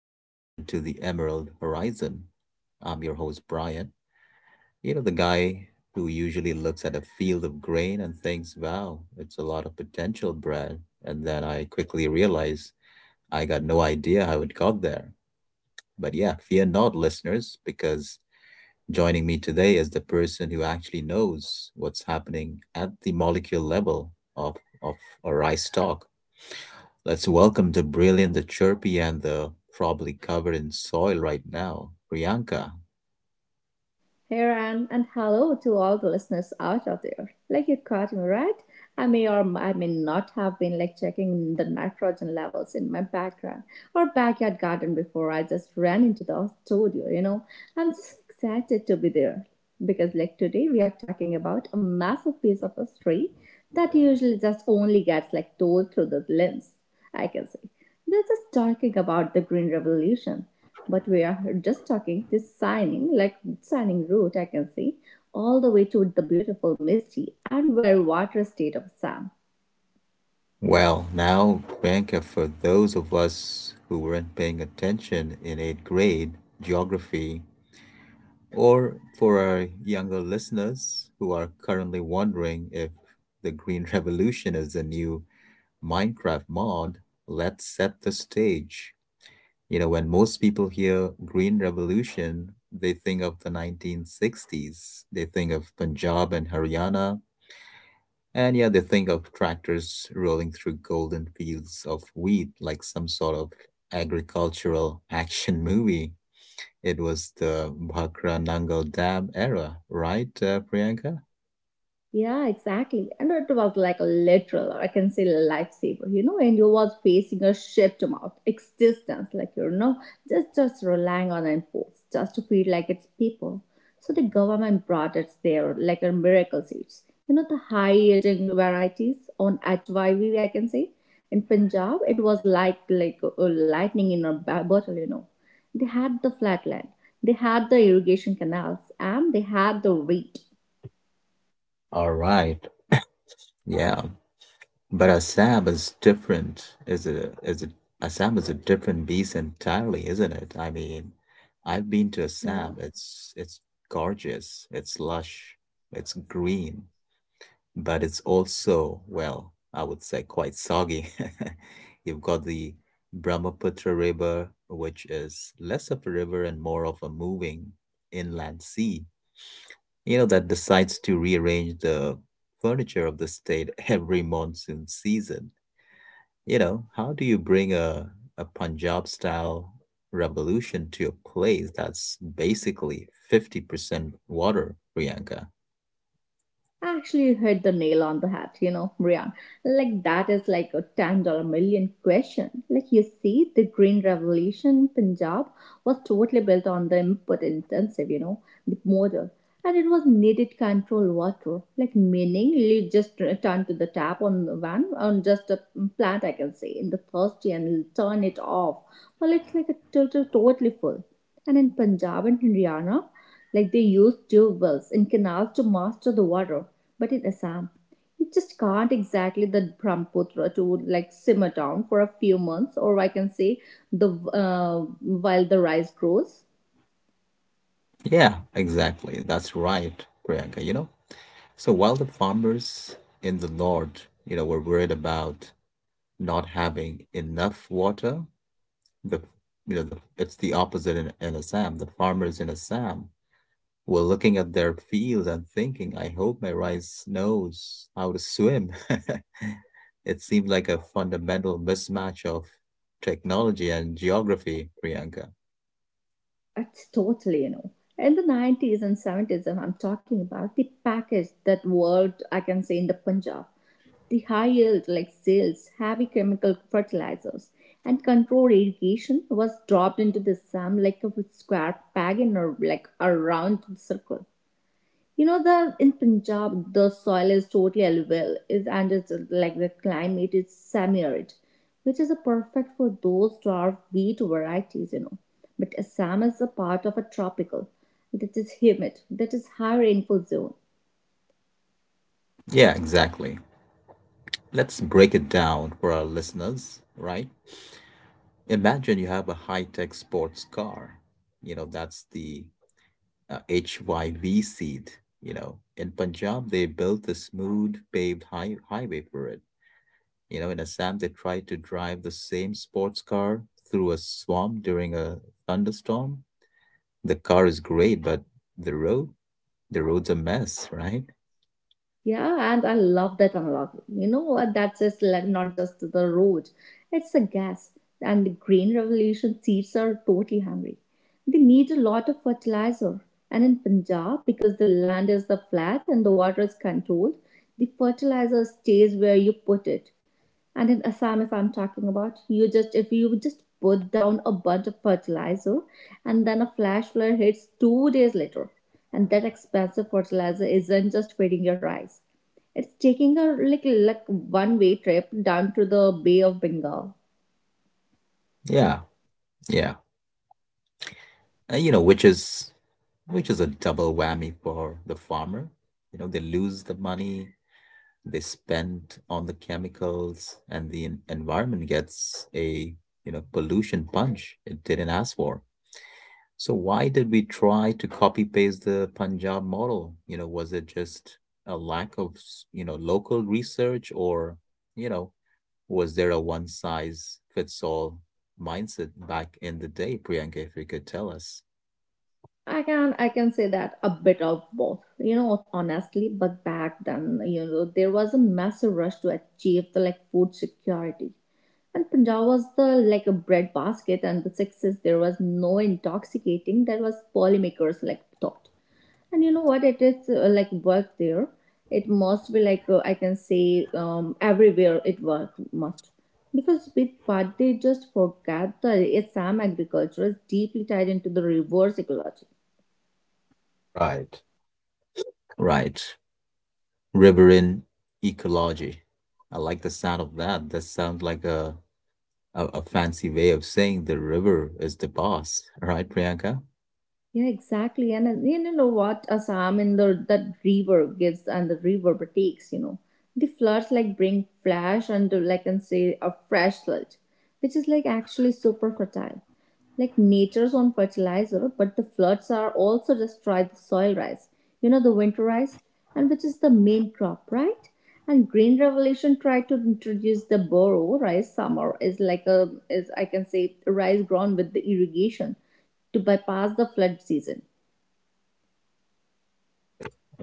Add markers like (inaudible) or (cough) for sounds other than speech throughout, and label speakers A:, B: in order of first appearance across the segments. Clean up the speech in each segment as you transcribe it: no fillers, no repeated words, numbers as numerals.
A: You're tuned into the Emerald Horizon. I'm your host, Brian. You know, the guy who usually looks at a field of grain and thinks, wow, it's a lot of potential, Brad. And then I quickly realize I got no idea how it got there. But yeah, fear not, listeners, because joining me today is the person who actually knows what's happening at the molecule level of a rice stalk. Let's welcome the brilliant, the chirpy, and the probably covered in soil right now, Priyanka.
B: Here I am, and hello to all the listeners out of there. Like you caught me right, I may or I may not have been like checking the nitrogen levels in my background or backyard garden before I just ran into the studio. I'm just excited to be there because like today we are talking about a massive piece of history that usually just only gets like told through the lens, I can say. They're just talking about the Green Revolution. But we are just talking this shining, like shining route I can see, all the way to the beautiful, misty, and very water state of Sam.
A: Well, now, Priyanka, for those of us who weren't paying attention in eighth grade geography, or for our younger listeners who are currently wondering if the Green (laughs) Revolution is the new Minecraft mod, let's set the stage. You know, when most people hear Green Revolution, they think of the 1960s. They think of Punjab and Haryana. And yeah, they think of tractors rolling through golden fields of wheat like some sort of agricultural (laughs) action movie. It was the Bhakra Nangal Dam era, right, Priyanka?
B: Yeah, exactly. And it was like a literal, or I can say a lifesaver, you know, and you was facing a ship to mouth existence, like just relying on imports just to feed like its people. So the government brought it there like a miracle seeds. You know, the high yielding varieties on HYV, I can say. In Punjab, it was like lightning in a bottle. They had the flatland, they had the irrigation canals, and they had the wheat.
A: All right. Yeah. But Assam is different. Is a Assam is a different beast entirely, isn't it? I mean, I've been to
B: Yeah.
A: Assam. It's gorgeous. It's lush. It's green, but it's also, well, I would say quite soggy. (laughs) You've got the Brahmaputra River, which is less of a river and more of a moving inland sea, you know, that decides to rearrange the furniture of the state every monsoon season. You know, how do you bring a Punjab style revolution to a place that's basically 50% water, Priyanka?
B: Actually, you hit the nail on the head, you know, Brian. Like, that is like a 10 million question. Like, you see, the Green Revolution Punjab was totally built on the input intensive, you know, the model. And it was needed control water, like meaning you just turn to the tap on the van on just a plant I can say in the thirsty and turn it off. Well, it's like a totally full. And in Punjab and Haryana, like they used to wells and canals to master the water. But in Assam, you just can't exactly the Brahmaputra to like simmer down for a few months, or I can say the uh, while the rice grows.
A: Yeah, exactly. That's right, Priyanka, you know? So while the farmers in the north, you know, were worried about not having enough water, the the it's the opposite in Assam. The farmers in Assam, well, looking at their fields and thinking, I hope my rice knows how to swim. (laughs) It seemed like a fundamental mismatch of technology and geography, Priyanka.
B: It's totally, you know. In the 90s and 70s, I'm talking about the package that worked, I can say, in the Punjab. The high yield, like sales, heavy chemical fertilizers, and controlled irrigation was dropped into the Sam like a square peg in a, like a round circle. You know the in Punjab the soil is totally alluvial is and it's like the climate is semi-arid, which is a perfect for those dwarf wheat varieties, you know. But Assam is a part of a tropical that is humid, that is high rainfall zone.
A: Yeah, exactly. Let's break it down for our listeners, right? Imagine you have a high tech sports car. You know, that's the HYV seed. You know, in Punjab, they built a smooth paved highway for it. You know, in Assam, they tried to drive the same sports car through a swamp during a thunderstorm. The car is great, but the road, the road's a mess, right?
B: Yeah, and I love that unlock. You know what? That's just like not just the road; it's the gas. And the green revolution seeds are totally hungry. They need a lot of fertilizer. And in Punjab, because the land is the flat and the water is controlled, the fertilizer stays where you put it. And in Assam, if I'm talking about, you just if you just put down a bunch of fertilizer and then a flash flood hits 2 days later. And that expensive fertilizer isn't just feeding your rice. It's taking a like one way trip down to the Bay of Bengal.
A: Yeah, yeah. You know, which is a double whammy for the farmer. You know, they lose the money they spend on the chemicals, and the environment gets a, you know, pollution punch it didn't ask for. So why did we try to copy paste the Punjab model? You know, was it just a lack of, you know, local research, or, you know, was there a one size fits all mindset back in the day, Priyanka, if you could tell us?
B: I can say that a bit of both, you know, honestly. But back then, you know, there was a massive rush to achieve the like food security. And Punjab was the like a bread basket, and the success there was no intoxicating. That was polymakers like thought. And you know what? It is like work there. It must be like I can say everywhere it work must because with part they just forget the Assam agriculture is deeply tied into the reverse ecology.
A: Right. Right. Riverine ecology. I like the sound of that. That sounds like a fancy way of saying the river is the boss, (laughs) right, Priyanka?
B: Yeah, exactly. And you know what a psalm in the that river gives and the river takes, you know. The floods like bring flash and to, like and say a fresh sludge, which is like actually super fertile. Like nature's own fertilizer, but the floods are also destroy the soil rice, you know, the winter rice, and which is the main crop, right? And Green Revolution tried to introduce the burrow rice summer is like a is I can say rice grown with the irrigation to bypass the flood season.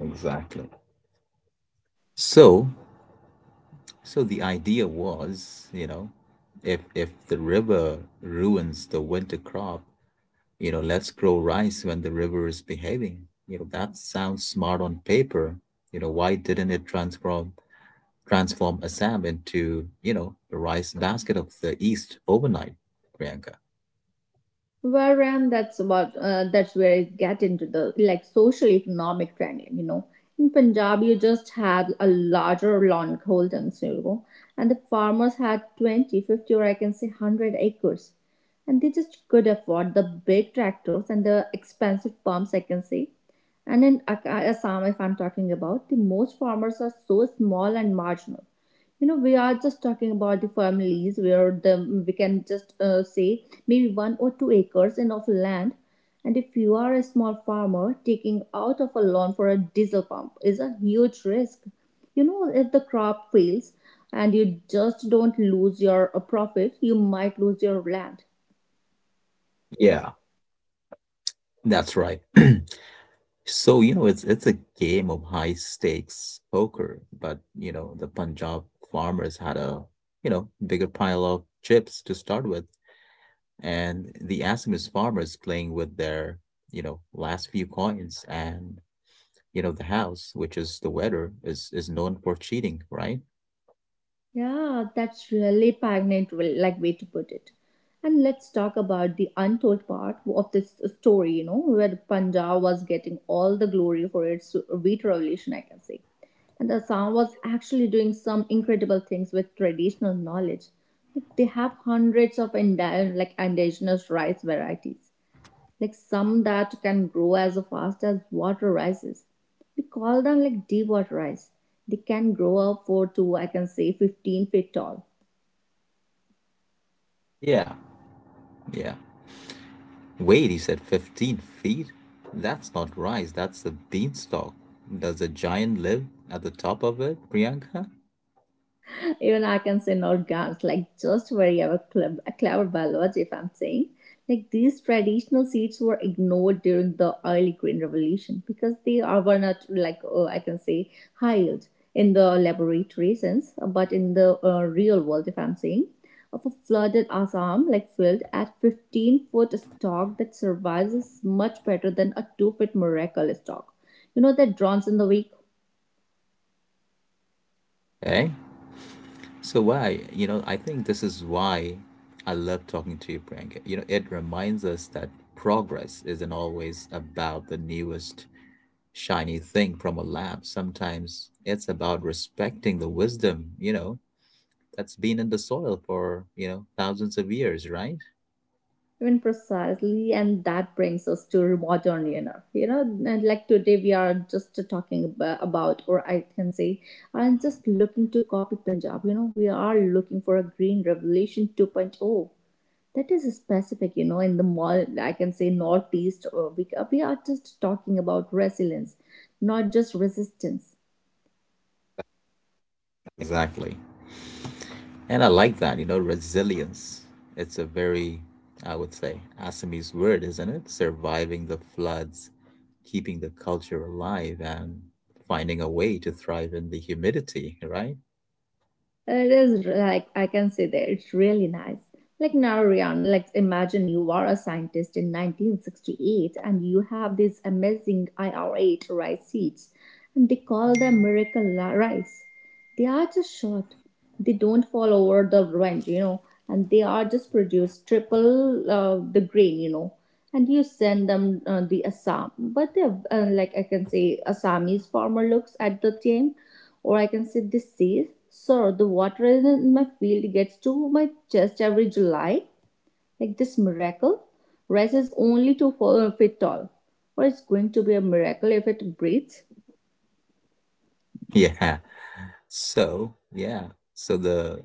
A: Exactly. So, so the idea was, you know, if the river ruins the winter crop, you know, let's grow rice when the river is behaving. You know, that sounds smart on paper. You know, why didn't it transform Assam into, you know, the rice basket of the East overnight, Priyanka?
B: Wherein that's where it get into the like social economic triangle, you know. In Punjab, you just had a larger land holdings, you know, and the farmers had 20, 50, or I can say 100 acres. And they just could afford the big tractors and the expensive pumps, I can say. And in Assam, if I'm talking about, the most farmers are so small and marginal. You know, we are just talking about the families where the we can just say maybe 1 or 2 acres in of land. And if you are a small farmer, taking out of a loan for a diesel pump is a huge risk. You know, if the crop fails and you just don't lose your profit, you might lose your land.
A: Yeah. That's right. (clears throat) So, you know, it's a game of high stakes poker, but you know, the Punjab farmers had a, you know, bigger pile of chips to start with, and the Assamese farmers playing with their, you know, last few coins and, you know, the house, which is the weather, is known for cheating, right?
B: Yeah, that's really poignant, well, like way to put it. And let's talk about the untold part of this story, you know, where Punjab was getting all the glory for its wheat revolution, I can say. And Assam was actually doing some incredible things with traditional knowledge. Like, they have hundredi of indigenous rice varieties like some that can grow as fast as water rises. We call them like deep water rice. They can grow up for to I can say 15 feet tall.
A: Yeah, yeah. Wait, he said 15 feet? That's not rice, that's the beanstalk. Does a giant live at the top of it, Priyanka?
B: (laughs) Even I can say no grams, like just very our clever biology, if I'm saying. Like these traditional seeds were ignored during the early green revolution because they are were not like I can say high yield in the laboratory sense, but in the real world, if I'm saying, of a flooded Assam like field at 15-foot stalk that survives much better than a 2 foot miracle stalk. You know that drones in the week.
A: Eh? So why? You know, I think this is why I love talking to you, Priyanka. You know, it reminds us that progress isn't always about the newest shiny thing from a lab. Sometimes it's about respecting the wisdom, you know, that's been in the soil for, you know, thousands of years, right?
B: Even precisely, and that brings us to modern era. You know, and like today we are just talking about, or I can say, I'm just looking to copy Punjab. You know, we are looking for a green revolution 2.0. That is specific, you know, in the mall, I can say northeast. We are just talking about resilience, not just resistance.
A: Exactly. And I like that, you know, resilience. It's a very, I would say, Assamese word, isn't it? Surviving the floods, keeping the culture alive, and finding a way to thrive in the humidity, right? (laughs)
B: It is like I can say that it's really nice. Like now, Rihanna, like imagine you are a scientist in 1968 and you have these amazing IR8 rice seeds, and they call them miracle rice. They are just short. They don't fall over the range, you know, and they are just produced triple the grain, you know. And you send them the Assam, but they have, like I can say Assamese farmer looks at the team, or I can say this says, "Sir, the water in my field gets to my chest every July. Like this miracle, rice is only two feet tall, or it's going to be a miracle if it breathes."
A: Yeah. So, yeah. So the,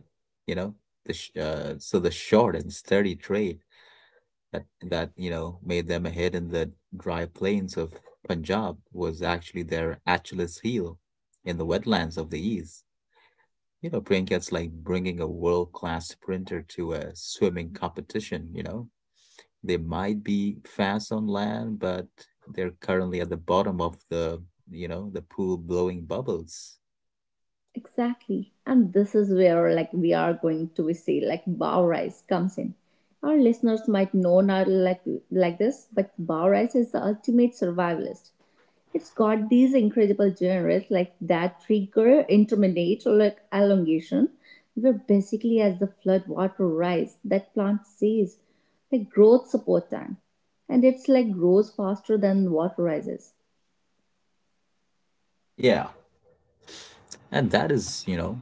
A: you know, the so the short and sturdy trade that you know made them ahead in the dry plains of Punjab was actually their Achilles heel in the wetlands of the East. You know, Priyanka, it's like bringing a world-class sprinter to a swimming competition, you know? They might be fast on land, but they're currently at the bottom of the, you know, the pool blowing bubbles.
B: Exactly. And this is where like we are going to see like bow rice comes in. Our listeners might know not like this, but bow rice is the ultimate survivalist. It's got these incredible generates like that trigger intermediate or like elongation. We're basically as the flood water rise that plant sees like growth support time. And it's like grows faster than water rises.
A: Yeah. And that is, you know,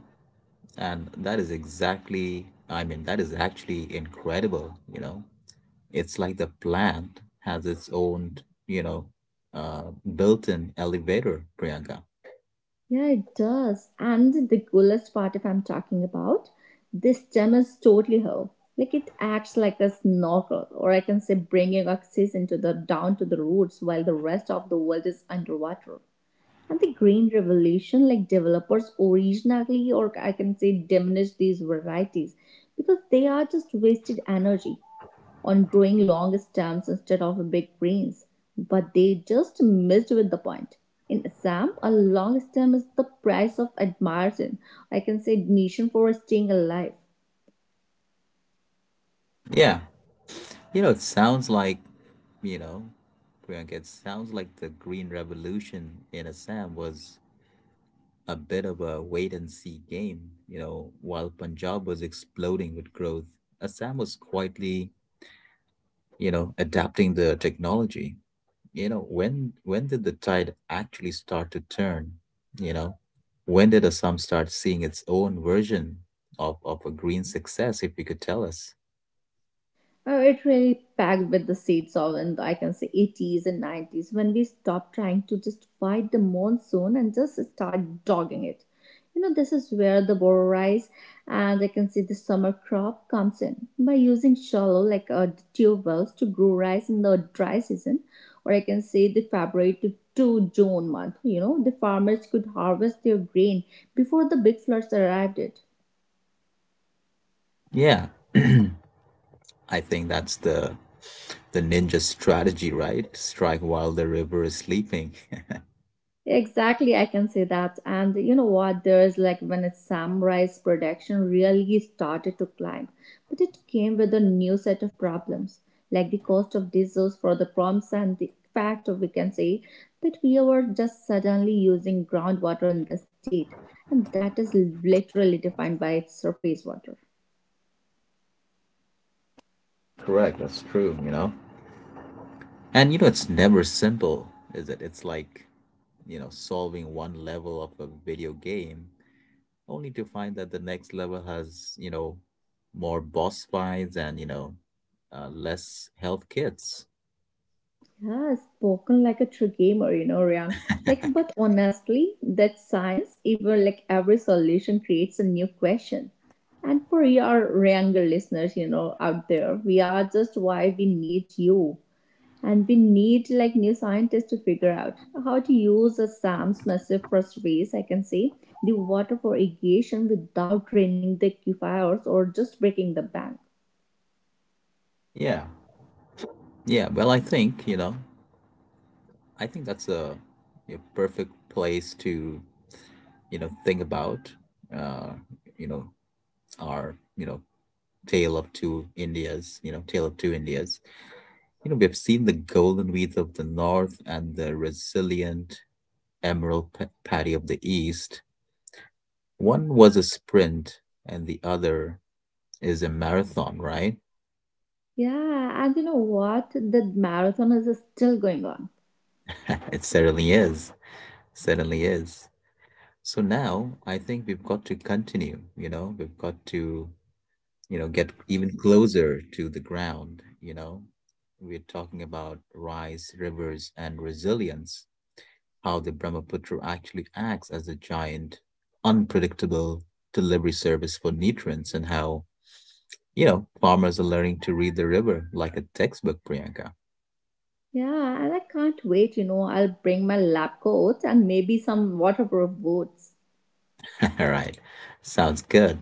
A: and that is exactly, I mean, that is actually incredible, you know? It's like the plant has its own, you know, built-in elevator, Priyanka.
B: Yeah, it does. And the coolest part, if I'm talking about, this gem is totally her. Like it acts like a snorkel, or I can say bringing oxygen to the down to the roots while the rest of the world is underwater. And the green revolution, like developers originally, or I can say diminish these varieties because they are just wasted energy on growing long stems instead of big brains, but they just missed with the point. In Assam, a long stem is the price of admiration. I can say nation for staying alive.
A: Yeah. You know, it sounds like, you know, Priyanka, it sounds like the Green Revolution in Assam was a bit of a wait and see game. You know, while Punjab was exploding with growth, Assam was quietly, you know, adapting the technology. You know, when did the tide actually start to turn? You know, when did Assam start seeing its own version of a green success, if you could tell us?
B: It really packed with the seeds of, and I can say, 80s and 90s when we stopped trying to just fight the monsoon and just start dogging it. You know, this is where the boro rice and I can say the summer crop comes in by using shallow, like tube wells, to grow rice in the dry season, or I can say the February to June month. You know, the farmers could harvest their grain before the big floods arrived. It.
A: Yeah. (clears throat) I think that's the ninja strategy, right? Strike while the river is sleeping. (laughs)
B: Exactly, I can say that. And you know what? There is like when it's samurai's production really started to climb, but it came with a new set of problems, like the cost of diesels for the pumps and the fact of we can say that we were just suddenly using groundwater in the state, and that is literally defined by its surface water.
A: Correct, that's true, you know. And you know, it's never simple, is it? It's like, you know, solving one level of a video game only to find that the next level has, you know, more boss fights and, you know, less health kits.
B: Yeah, spoken like a true gamer, you know, Ryan. Like, but honestly, that's science. Even every solution creates a new question. And for your younger listeners, you know, out there, we are just why we need you. And we need new scientists to figure out how to use the SAM's massive phosphorus, I can say, the water for irrigation without draining the aquifers or just breaking the bank.
A: Yeah. Yeah, well, I think, you know, I think that's a you perfect place to, you know, think about, uh, you know, our, you know, tale of two Indias, you know, tale of two Indias. You know, we have seen the golden wheat of the north and the resilient emerald paddy of the east. One was a sprint and the other is a marathon, right?
B: Yeah, and you know what? The marathon is still going on.
A: (laughs) It certainly is. Certainly is. So now I think we've got to continue, you know, we've got to, you know, get even closer to the ground, you know. We're talking about rise, rivers, and resilience, how the Brahmaputra actually acts as a giant, unpredictable delivery service for nutrients and how, you know, farmers are learning to read the river like a textbook, Priyanka.
B: Yeah, and I can't wait, you know. I'll bring my lab coats and maybe some waterproof boots.
A: (laughs) All right. Sounds good.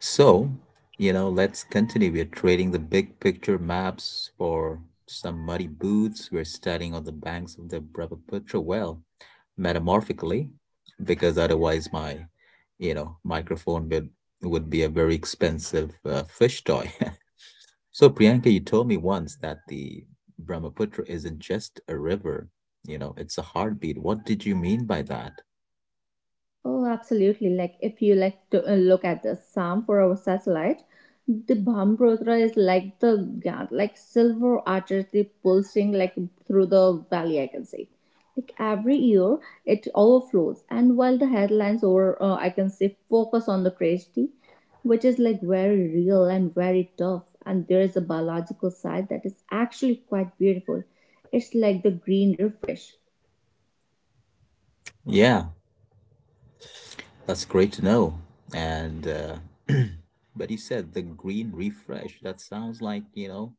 A: So, you know, let's continue. We're trading the big picture maps for some muddy boots. We're standing on the banks of the Brahmaputra, well, metamorphically, because otherwise my, you know, microphone would be a very expensive fish toy. (laughs) So, Priyanka, you told me once that the Brahmaputra isn't just a river, you know, it's a heartbeat. What did you mean by that?
B: Oh, absolutely. Like, if you like to look at the Sam for our satellite, the Brahmaputra is like the yeah, like silver artery pulsing like through the valley. I can see. Like every year, it overflows, and while the headlines or I can say focus on the tragedy, which is like very real and very tough, and there is a biological side that is actually quite beautiful. It's like the green refresh.
A: Yeah. That's great to know. And (clears throat) but you said the green refresh. That sounds like,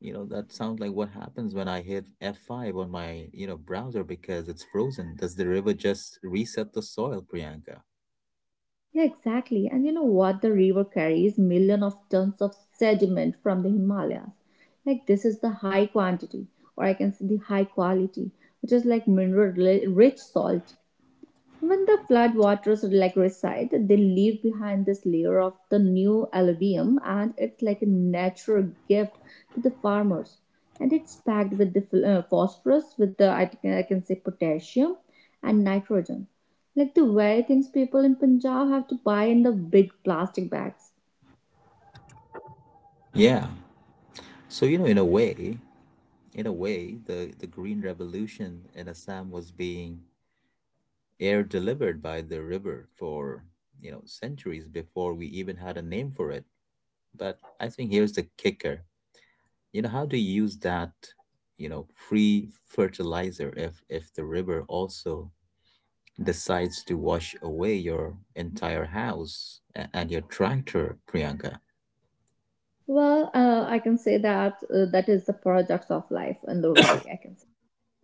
A: you know, that sounds like what happens when I hit F5 on my, you know, browser because it's frozen. Does the river just reset the soil, Priyanka?
B: Yeah, exactly. And you know what? The river carries millions of tons of sediment from the Himalayas. Like this is the high quantity, or I can say the high quality, which is like mineral rich salt. When the flood waters like reside, they leave behind this layer of the new alluvium, and it's like a natural gift to the farmers. And it's packed with the phosphorus, with the I can say potassium and nitrogen, like the very things people in Punjab have to buy in the big plastic bags.
A: Yeah. So, you know, in a way, the green revolution in Assam was being air delivered by the river for, you know, centuries before we even had a name for it. But I think here's the kicker. You know how to use that, you know, free fertilizer if the river also decides to wash away your entire house and your tractor, Priyanka?
B: Well, I can say that that is the products of life in the valley. I can say.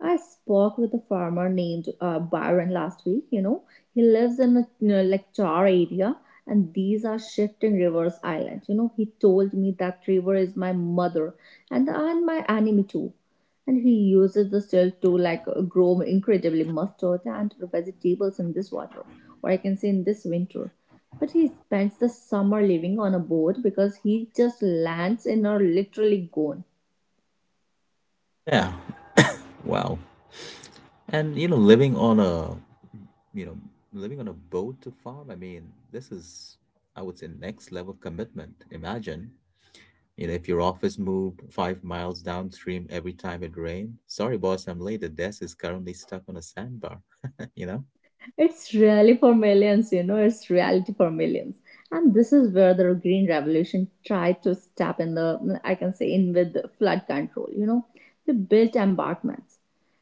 B: I spoke with a farmer named Byron last week. You know, he lives in a you know, like Char area, and these are shifting rivers island. You know, he told me that river is my mother and my enemy too. And he uses the still to grow incredibly mustard and vegetables in this water, or I can say in this winter. But he spends the summer living on a boat because he just lands and are literally gone.
A: Yeah, wow. And you know, living on a, you know, living on a boat to farm, I mean, this is, I would say, next level commitment. Imagine, you know, if your office moved 5 miles downstream every time it rained. Sorry, boss, I'm late, the desk is currently stuck on a sandbar. (laughs) You know.
B: It's really for millions, you know, it's reality for millions. And this is where the Green Revolution tried to step in the, I can say, in with flood control, you know. They built embankments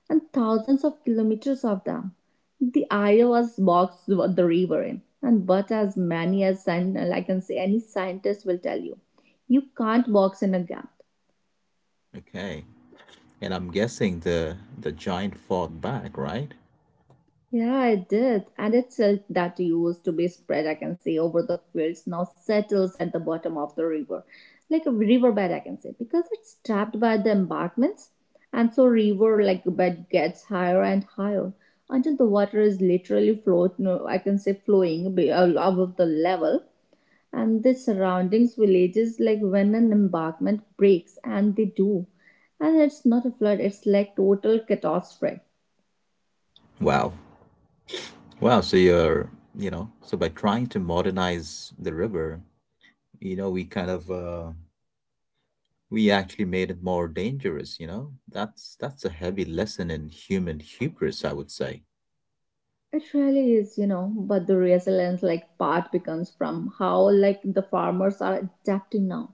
B: and thousands of kilometers of them. The idea was box the river in, and but as many as, I can say, any scientist will tell you, you can't box in a gap.
A: Okay. And I'm guessing the giant fought back, right?
B: Yeah, it did. And its silt that used to be spread, I can say, over the fields now settles at the bottom of the river, like a riverbed, I can say, because it's trapped by the embankments. And so river like bed gets higher and higher until the water is literally float, no, I can say flowing above the level. And the surroundings villages like when an embankment breaks, and they do. And it's not a flood, it's like total catastrophe.
A: Wow. Wow, so you're, you know, so by trying to modernize the river, you know, we kind of we actually made it more dangerous, you know? That's a heavy lesson in human hubris, I would say.
B: It really is, you know, but the resilience like part becomes from how like the farmers are adapting now.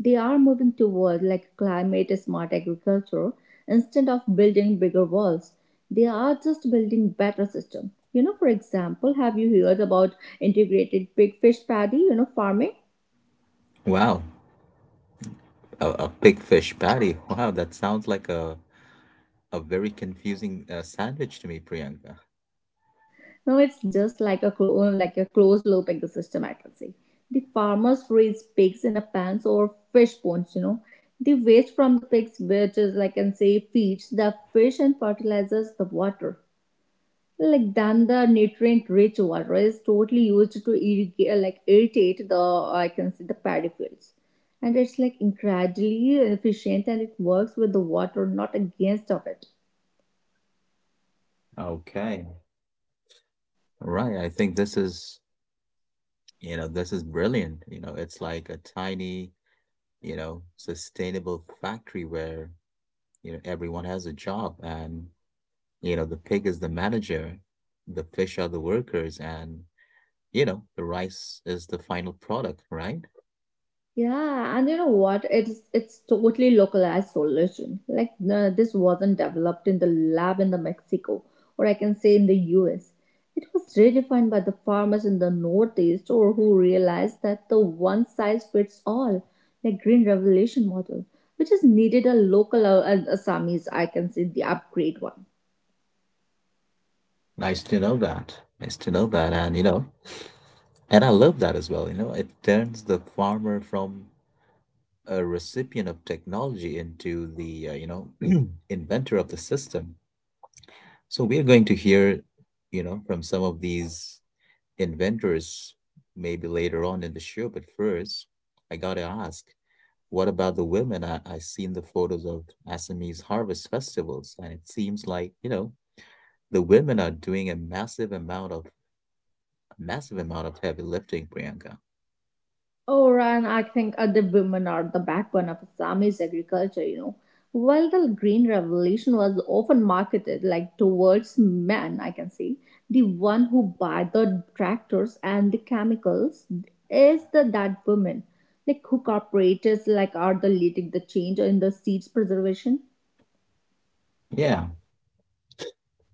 B: They are moving toward like climate smart agriculture instead of building bigger walls. They are just building better system. You know, for example, have you heard about integrated big fish paddy, you know, farming?
A: Wow. A big fish patty. (laughs) Wow, that sounds like a very confusing sandwich to me, Priyanka.
B: No, it's just like a like a closed loop ecosystem. I can say the farmers raise pigs in a pans or fish ponds. You know, the waste from the pigs, which is like I can say feeds the fish and fertilizes the water. Like then the nutrient rich water is totally used to irrigate, like irritate the I can say the paddy fields, and it's like incredibly efficient and it works with the water, not against of it.
A: Okay. Right, I think this is, you know, this is brilliant. You know, it's like a tiny, you know, sustainable factory where, you know, everyone has a job and, you know, the pig is the manager, the fish are the workers, and, you know, the rice is the final product, right?
B: Yeah, and you know what? It's totally localized solution. Like this wasn't developed in the lab in the Mexico, or I can say in the U.S. It was redefined by the farmers in the Northeast, or who realized that the one size fits all, like Green Revolution model, which is needed a local Assamese, I can say the upgrade one.
A: Nice to know that. Nice to know that. And, you know, and I love that as well. It turns the farmer from a recipient of technology into the, (clears throat) inventor of the system. So we are going to hear, from some of these inventors maybe later on in the show, but first, I gotta ask, what about the women? I seen the photos of Assamese harvest festivals, and it seems like, the women are doing a massive amount of heavy lifting, Priyanka.
B: Oh, Ryan, I think other women are the backbone of Assamese agriculture, you know. While the Green Revolution was often marketed like towards men, I can say, the one who buy the tractors and the chemicals is the that women, like who cooperatives like are the leading the change in the seeds preservation.
A: Yeah.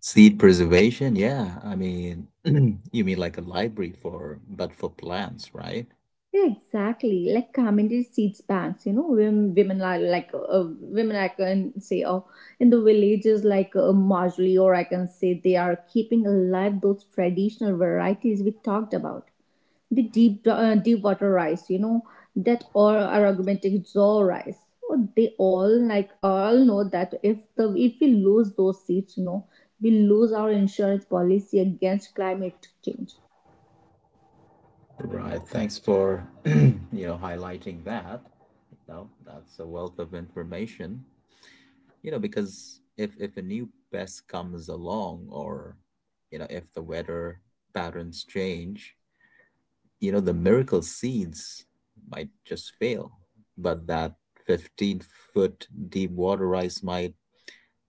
A: Seed preservation, yeah. I mean, (clears throat) you mean like a library for but for plants, right?
B: Yeah, exactly. Like commentary seeds banks, you know, women are like women. I can say, oh, in the villages, like Marjorie, or I can say they are keeping alive those traditional varieties we talked about. The deep, deep water rice, you know, that or aromatic jaw rice. Oh, they all like all know that if we lose those seeds, you know, we lose our insurance policy against climate change.
A: Right. Thanks for, (clears throat) highlighting that. No, that's a wealth of information. You know, because if a new pest comes along or if the weather patterns change, the miracle seeds might just fail. But that 15-foot deep water rice might,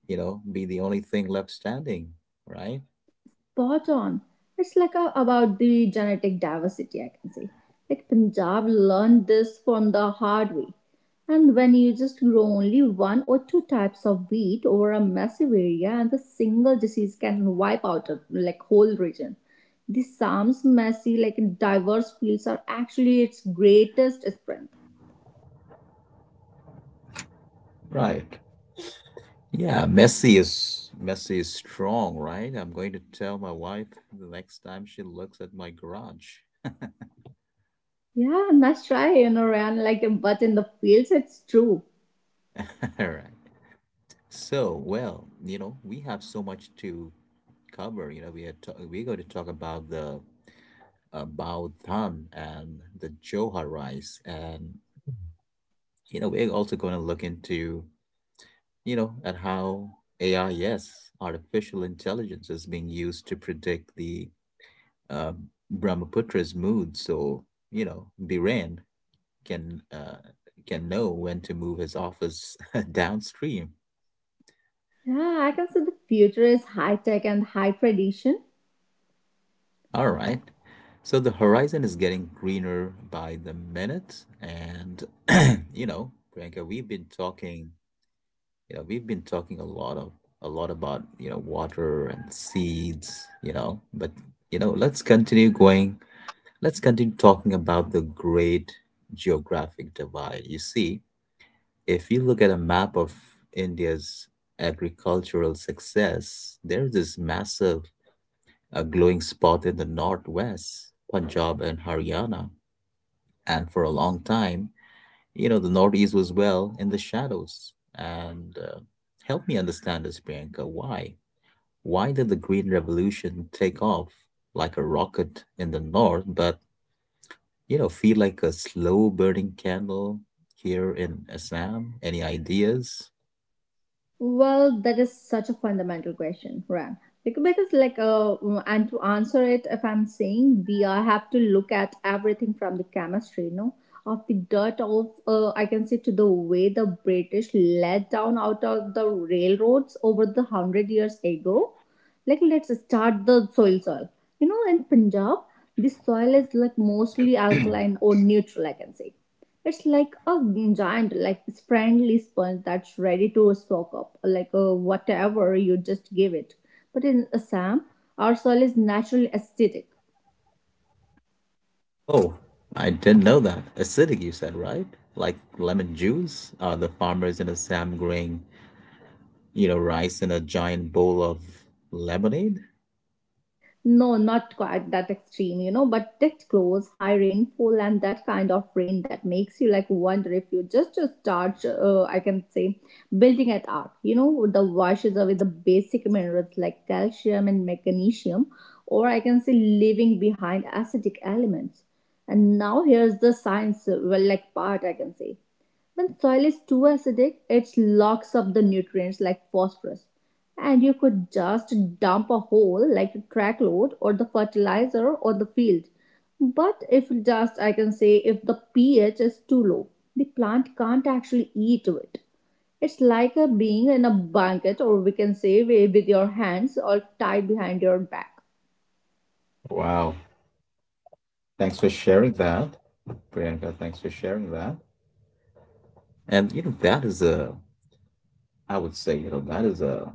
A: be the only thing left standing, right?
B: Spot on. It's like a, about the genetic diversity, I can say. Like Punjab learned this from the hard way. And when you just grow only one or two types of wheat over a massive area and the single disease can wipe out a like whole region. The Sam's messy, like diverse fields are actually its greatest strength.
A: Right. Yeah, Messi is strong, right? I'm going to tell my wife the next time she looks at my garage.
B: Yeah, nice try, you know, Ryan. Like, but in the fields, it's true.
A: (laughs) All right. So, well, we have so much to cover. You know, we are we're going to talk about the Bao Tan and the Johar rice, and we're also going to look into at how AI, yes, artificial intelligence, is being used to predict the um, Brahmaputra's mood. So Biren can can know when to move his office (laughs) downstream.
B: Yeah, I can say the future is high tech and high tradition.
A: All right. So the horizon is getting greener by the minute. And (clears throat) you know, Priyanka, we've been talking a lot about, water and seeds, you know, but let's continue going. Let's continue talking about the great geographic divide. You see, if you look at a map of India's agricultural success, there's this massive a glowing spot in the northwest, Punjab and Haryana. And for a long time, the Northeast was well in the shadows. And help me understand this, Priyanka. Why? Why did the Green Revolution take off like a rocket in the North, but, feel like a slow burning candle here in Assam? Any ideas?
B: Well, that is such a fundamental question, Ram. Because, like, and to answer it, if I'm saying we have to look at everything from the chemistry, you know, of the dirt of, I can say, to the way the British let down out of the railroads over the hundred years ago. Like, let's start the soil. You know, in Punjab, the soil is like mostly alkaline or neutral, I can say it's like a giant, like friendly sponge that's ready to soak up, like whatever you just give it. But in Assam, our soil is naturally acidic.
A: Oh, I didn't know that. Acidic, you said, right? Like lemon juice? Are the farmers in Assam growing, rice in a giant bowl of lemonade.
B: No, not quite that extreme, you know, but that close, high rainfall and that kind of rain that makes you like wonder if you just to start, I can say, building at art. You know, the washes away the basic minerals like calcium and magnesium, or I can say leaving behind acidic elements. And now here's the science, well, like part I can say. When soil is too acidic, it locks up the nutrients like phosphorus. And you could just dump a whole like a track load or the fertilizer or the field. But if just I can say if the pH is too low, the plant can't actually eat it. It's like a being in a blanket or we can say with your hands all tied behind your back.
A: Wow. Thanks for sharing that, Priyanka. Thanks for sharing that. And, I would say, that is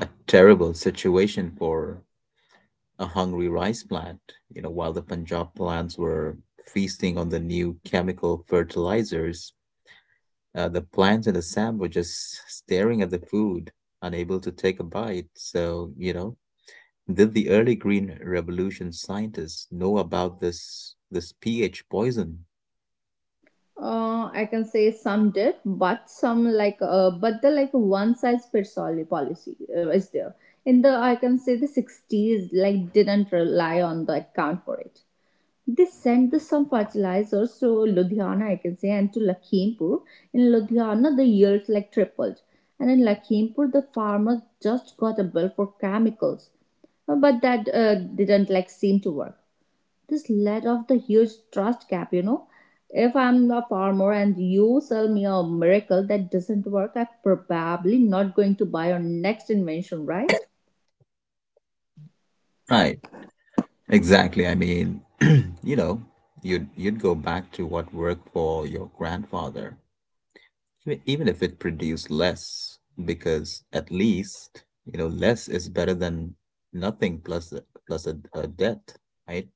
A: a terrible situation for a hungry rice plant. You know, while the Punjab plants were feasting on the new chemical fertilizers, the plants in Assam were just staring at the food, unable to take a bite. So, you know, did the early Green Revolution scientists know about this pH poison?
B: I can say some did, but some but the like one size fits all policy is there. In the I can say the 60s like didn't rely on the account for it. They sent the some fertilizers to Ludhiana, I can say, and to Lakhimpur. In Ludhiana, the yields like tripled, and in Lakhimpur, the farmers just got a bill for chemicals, but that didn't like seem to work. This led off the huge trust gap, you know. If I'm a farmer and you sell me a miracle that doesn't work, I'm probably not going to buy your next invention, right?
A: Right, exactly. I mean, (clears throat) you know, you'd go back to what worked for your grandfather, even if it produced less, because at least, less is better than nothing plus a- plus a debt, right?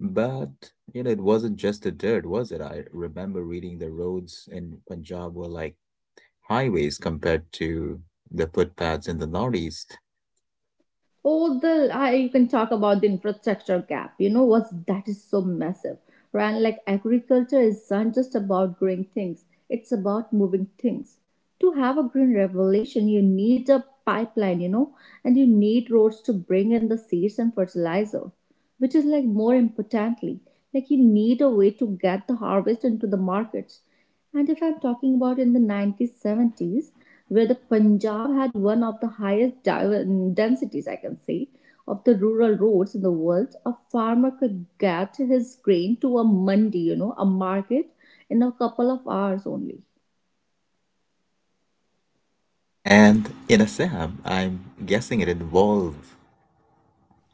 A: But it wasn't just the dirt, was it? I remember reading the roads in Punjab were like highways compared to the footpaths in the Northeast.
B: Oh, the I, you can talk about the infrastructure gap. You know what's that is so massive, right? Like agriculture is not just about growing things; it's about moving things. To have a green revolution, you need a pipeline, you know, and you need roads to bring in the seeds and fertilizer, which is like more importantly, like you need a way to get the harvest into the markets. And if I'm talking about in the 1970s, where the Punjab had one of the highest densities, I can say, of the rural roads in the world, a farmer could get his grain to a mandi, you know, a market, in a couple of hours only.
A: And in Assam, I'm guessing it involved,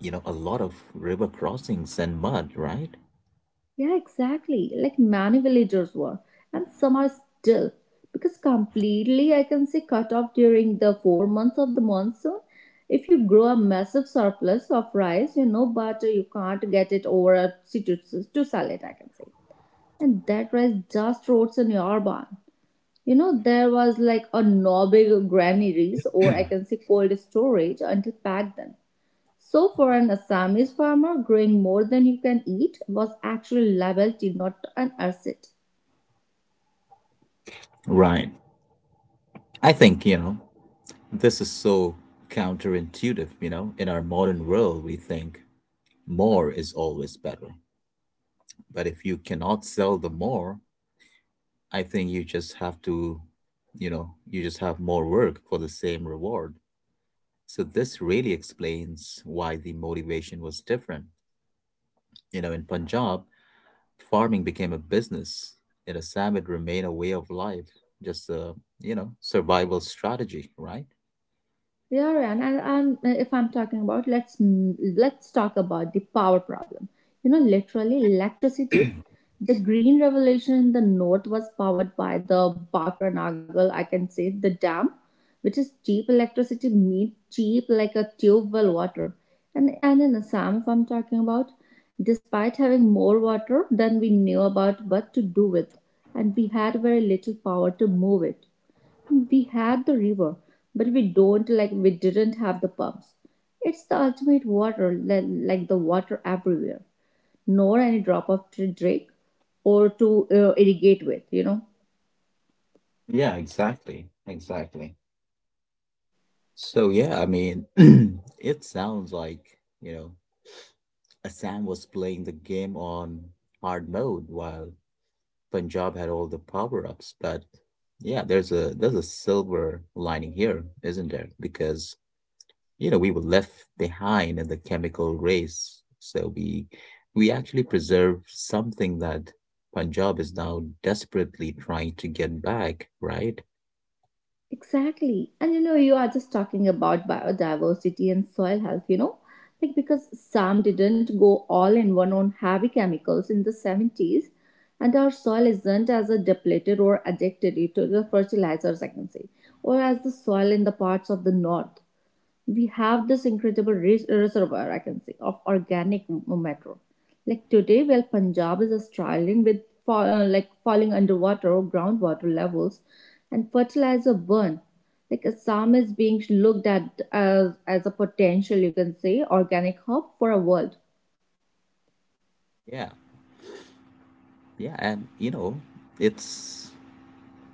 A: a lot of river crossings and mud, right?
B: Yeah, exactly. Like many villagers were, and some are still. Because completely, I can say, cut off during the 4 months of the monsoon. If you grow a massive surplus of rice, you know, but you can't get it over a to sell it, I can say. And that rice just rots in your barn. You know, there was like a no big granaries or I can say cold storage until back then. So, for an Assamese farmer, growing more than you can eat was actually legal to not an asset.
A: Right. I think, this is so counterintuitive. You know, in our modern world, we think more is always better. But if you cannot sell the more, I think you just have to, you just have more work for the same reward. So this really explains why the motivation was different. You know, in Punjab, farming became a business. In Assam, it remained a way of life, just a survival strategy, right?
B: Yeah, Ryan, and if I'm talking about let's talk about the power problem. You know, literally electricity. The green revolution in the north was powered by the Bhakra Nagal, I can say the dam, which is cheap electricity made cheap like a tube well water. And in Assam, if I'm talking about, despite having more water than we knew about what to do with, and we had very little power to move it. We had the river, but we don't like we didn't have the pumps. It's the ultimate water, like the water everywhere, nor any drop of to drink or to irrigate with, you know.
A: Yeah, exactly. Exactly. So yeah, I mean, (clears throat) it sounds like, you know, Assam was playing the game on hard mode while Punjab had all the power-ups, but yeah, there's a silver lining here, isn't there? Because you know we were left behind in the chemical race, so we actually preserve something that Punjab is now desperately trying to get back, right?
B: Exactly. And you know, you are just talking about biodiversity and soil health, you know, like because Sam didn't go all in one on heavy chemicals in the 70s, and our soil isn't as a depleted or addicted to the fertilizers, I can say, or as the soil in the parts of the north. We have this incredible reservoir, I can say, of organic matter. Like today, while Punjab is struggling with like falling underwater or groundwater levels and fertilizer burn, like Assam is being looked at as a potential, you can say, organic hub for a world.
A: Yeah, yeah, and you know it's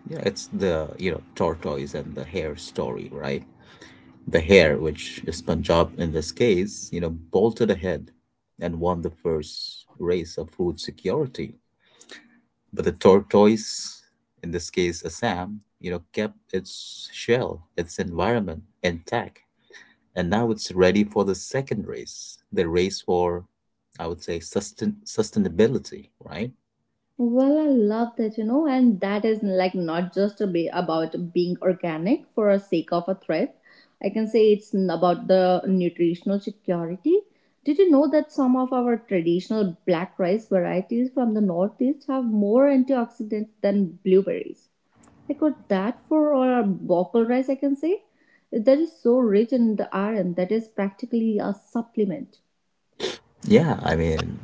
A: yeah it's the you know tortoise and the hare story, right? The hare, which is Punjab in this case, you know, bolted ahead and won the first race of food security. But the tortoise, in this case, a Sam, you know, kept its shell, its environment intact, and now it's ready for the second race, the race for, I would say, sustainability, right?
B: Well, I love that, you know, and that is like not just a about being organic for a sake of a thread. I can say it's about the nutritional security. Did you know that some of our traditional black rice varieties from the northeast have more antioxidants than blueberries? Like what that for or bokal rice, I can say that is so rich in the iron that is practically a supplement.
A: Yeah, I mean,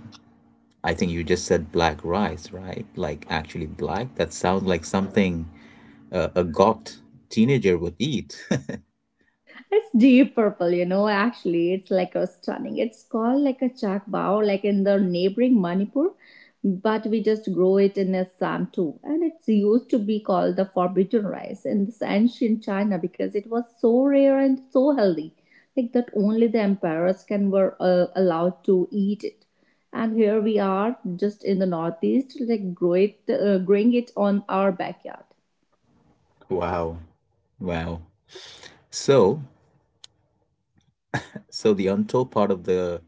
A: I think you just said black rice, right? Like actually black. That sounds like something a goth teenager would eat. (laughs)
B: It's deep purple, you know, actually. It's like a stunning. It's called like a chak bao, like in the neighboring Manipur, but we just grow it in Assam too. And it's used to be called the forbidden rice in this ancient China because it was so rare and so healthy, like that only the emperors can were allowed to eat it. And here we are, just in the northeast, like grow it, growing it on our backyard.
A: Wow, wow. So, so the untold part of the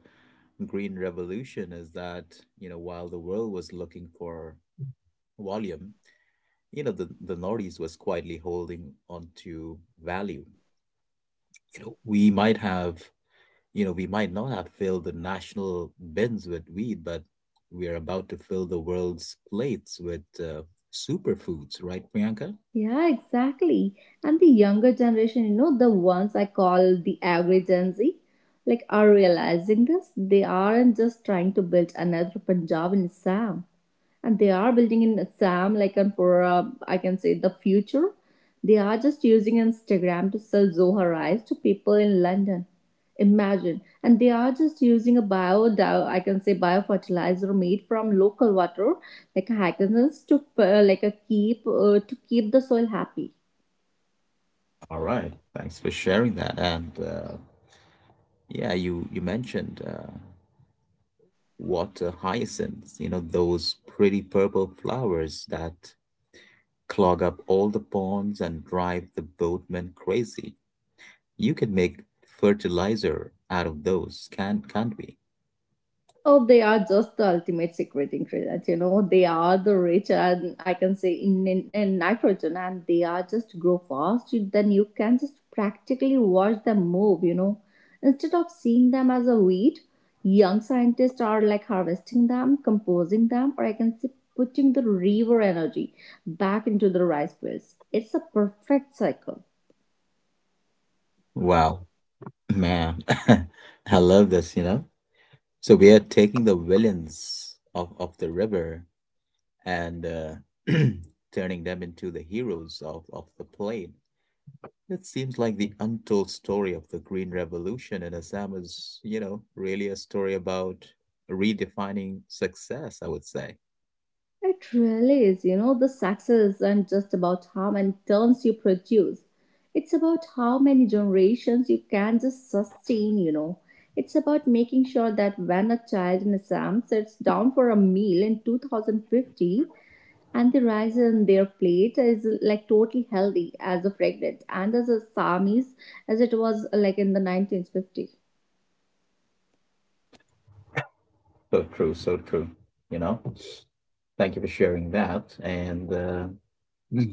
A: green revolution is that, while the world was looking for volume, the Northeast was quietly holding on to value. You know, we might not have filled the national bins with wheat, but we are about to fill the world's plates with superfoods, right, Priyanka?
B: Yeah, exactly. And the younger generation, you know, the ones I call the average Gen Z, like are realizing this. They aren't just trying to build another Punjab and Assam and they are building in Assam, like and for I can say the future. They are just using Instagram to sell Zoha rice to people in London. Imagine, and they are just using a bio, I can say biofertilizer made from local water, like hyacinths, to like a keep to keep the soil happy.
A: All right. Thanks for sharing that. And yeah, you mentioned water hyacinths. You know those pretty purple flowers that clog up all the ponds and drive the boatmen crazy. You can make fertilizer out of those, can't we?
B: Oh, they are just the ultimate secret ingredient. You know, they are the rich and I can say in nitrogen, and they are just grow fast. You- Then you can just practically watch them move. You know, instead of seeing them as a weed, young scientists are like harvesting them, composing them, or I can say putting the river energy back into the rice fields. It's a perfect cycle.
A: Wow, man, (laughs) I love this, you know? So we are taking the villains of the river and (clears throat) turning them into the heroes of the play. It seems like the untold story of the Green Revolution in Assam is, really a story about redefining success, I would say.
B: It really is, you know, the success isn't just about how many turns you produce. It's about how many generations you can just sustain, you know. It's about making sure that when a child in Assam sits down for a meal in 2050 and the rice in their plate is like totally healthy as a fragrant and as Assamese as it was like in the 1950.
A: So true, so true. You know, thank you for sharing that. And Mm.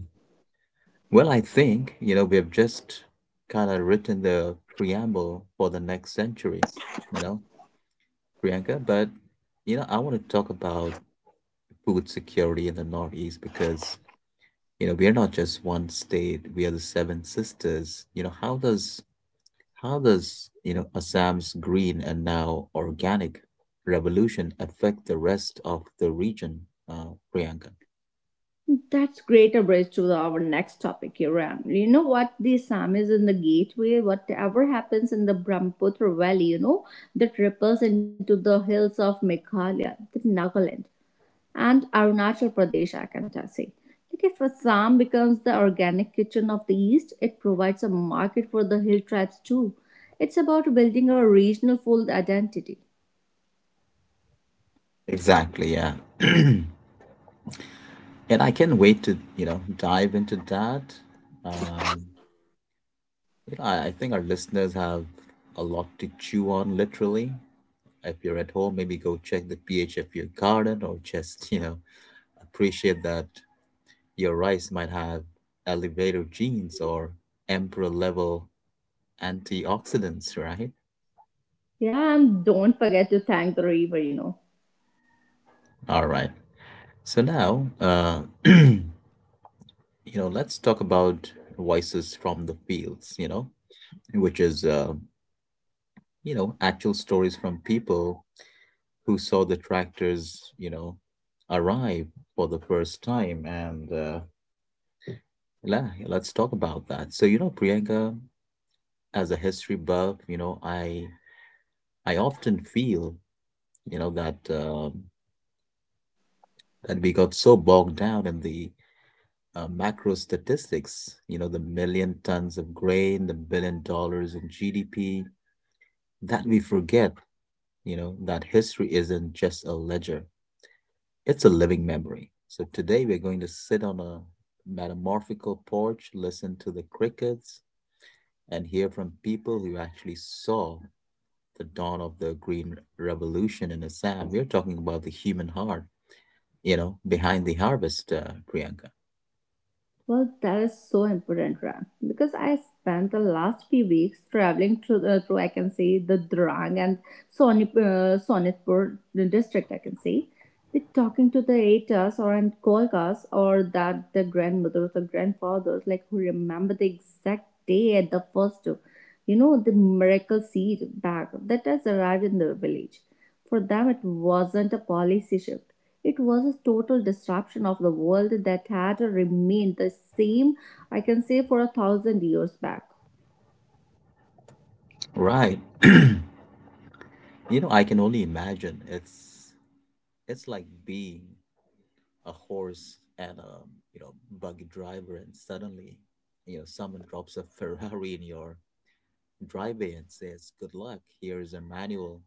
A: well, I think, we have just kind of written the preamble for the next century, you know, Priyanka. But, I want to talk about food security in the Northeast because, we are not just one state, we are the Seven Sisters. You know, how does, Assam's green and now organic revolution affect the rest of the region, Priyanka?
B: That's great a bridge to our next topic, Iran. You know what? The Assam is in the gateway. Whatever happens in the Brahmaputra Valley, you know, that ripples into the hills of Meghalaya, the Nagaland, and Arunachal Pradesh, I can say. Like if Assam becomes the organic kitchen of the East, it provides a market for the hill tribes too. It's about building a regional food identity.
A: Exactly, yeah. (clears throat) And I can't wait to, dive into that. Um, I think our listeners have a lot to chew on, literally. If you're at home, maybe go check the pH of your garden or just, (laughs) you know, appreciate that your rice might have elevator genes or emperor level antioxidants, right?
B: Yeah, and don't forget to thank the river, you know.
A: All right. So now, (clears throat) you let's talk about voices from the fields, which is actual stories from people who saw the tractors, arrive for the first time. And la let's talk about that. So, you know, Priyanka, as a history buff, you know, I often feel, you know, that uh, that we got so bogged down in the macro statistics, you know, the million tons of grain, the $1 billion in GDP, that we forget, that history isn't just a ledger. It's a living memory. So today we're going to sit on a metamorphical porch, listen to the crickets, and hear from people who actually saw the dawn of the Green Revolution in Assam. We're talking about the human heart, behind the harvest, Priyanka.
B: Well, that is so important, Ram. Because I spent the last few weeks traveling through, through I can say, the Drang and Sonip, Sonitpur district, I can say. They talking to the Atas or and Kolkas or that the grandmothers or grandfathers, like who remember the exact day at the first, you know, the miracle seed bag that has arrived in the village. For them, it wasn't a policy shift. It was a total disruption of the world that had remained the same, I can say, for a thousand years back.
A: Right. (clears throat) you know, I can only imagine. It's like being a horse and a buggy driver, and suddenly you know someone drops a (laughs) Ferrari in your driveway and says, "Good luck, here is a manual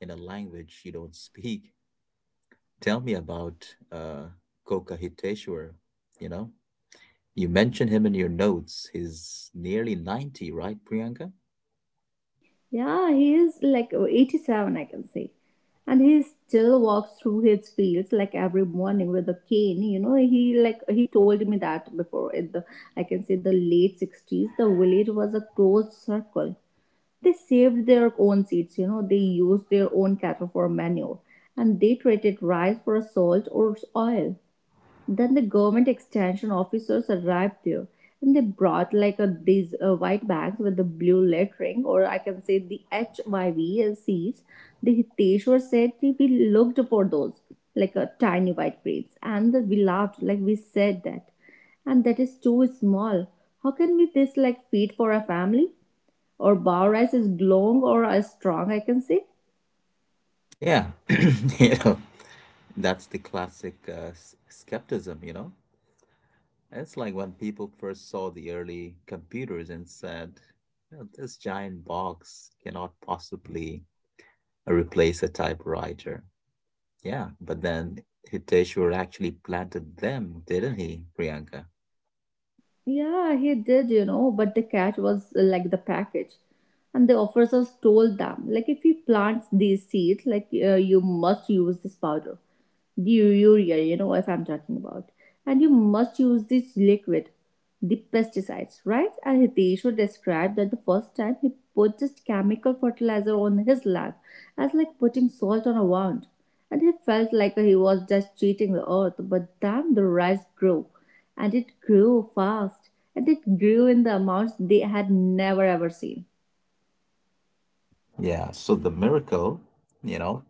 A: in a language you don't speak." Tell me about uh, Kokahiteshwar. You know, you mention him in your notes. He's nearly 90, right, Priyanka?
B: Yeah, he is like 87, I can say. And he still walks through his fields like every morning with a cane. You know, he like he told me that before in the I can say the late 60s, the village was a closed circle. They saved their own seeds, you know, they used their own cattle for manure and they traded rice for salt or oil. Then the government extension officers arrived there and they brought like a, these white bags with the blue lettering or I can say the HYV seeds. The Hiteshwar said we looked for those like a tiny white grains and we laughed like we said that and that is too small. How can we this like feed for a family? Or bar rice is long or as strong, I can say.
A: Yeah. (clears throat) you know, that's the classic skepticism, you know? It's like when people first saw the early computers and said, "You know, this giant box cannot possibly replace a typewriter." Yeah, but then Hiteshwar actually planted them, didn't he, Priyanka?
B: Yeah, he did, you know, but the catch was like the package. And the officers told them, like, if you plant these seeds, like, you must use this powder, the urea, you know, if I'm talking about. And you must use this liquid, the pesticides, right? And Hiteshu described that the first time he put just chemical fertilizer on his land as like putting salt on a wound. And he felt like he was just cheating the earth, but then the rice grew. And it grew fast. And it grew in the amounts they had never ever seen.
A: Yeah, so the miracle, you know,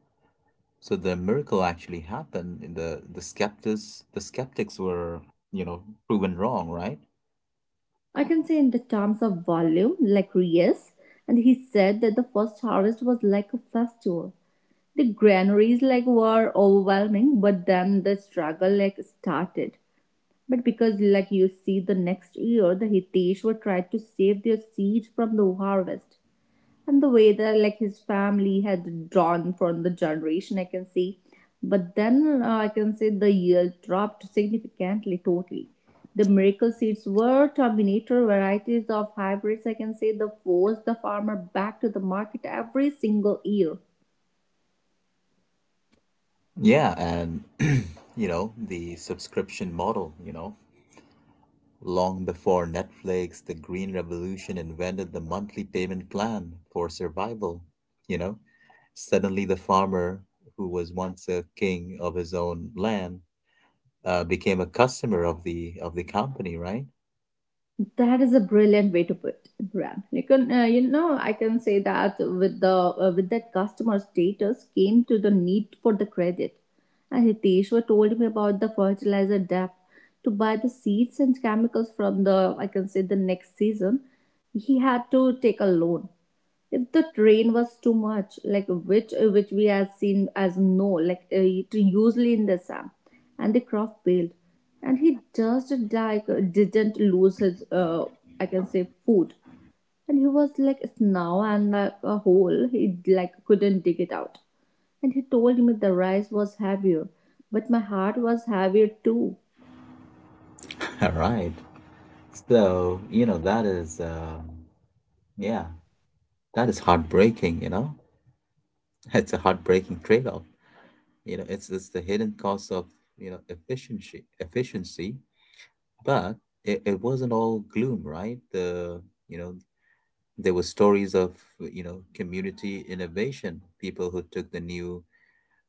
A: actually happened in the skeptics. The skeptics were, you know, proven wrong, right?
B: I can say in the terms of volume, like yes, and he said that the first harvest was like a festival. The granaries like were overwhelming, but then the struggle like started, but because like you see the next year the Hiteshwar tried to save their seed from the harvest and the way that like his family had drawn from the generation I can see. But then I can say the yield dropped significantly totally. The miracle seeds were terminator varieties of hybrids I can say that forced the farmer back to the market every single year.
A: Yeah, and (clears throat) you know, the subscription model, you know, long before Netflix, the green revolution invented the monthly payment plan for survival, you know. Suddenly the farmer who was once a king of his own land became a customer of the company, right?
B: That is a brilliant way to put it, Ram. You can, you know, I can say that with the with that customer status came to the need for the credit, and Hiteshwar told me about the fertilizer debt to buy the seeds and chemicals from the I can say the next season. He had to take a loan, if the train was too much like which we have seen as no like it usually in the sam and the craft failed and he just like didn't lose his I can say food. And he was like now and like a hole he like couldn't dig it out. And he told me the rice was heavier, but my heart was heavier too.
A: (laughs) All right. So you know that is yeah, that is heartbreaking. You know, (laughs) it's a heartbreaking trade-off. You know, it's the hidden cost of you know efficiency, but it wasn't all gloom, right? The you know there were stories of you know community innovation, people who took the new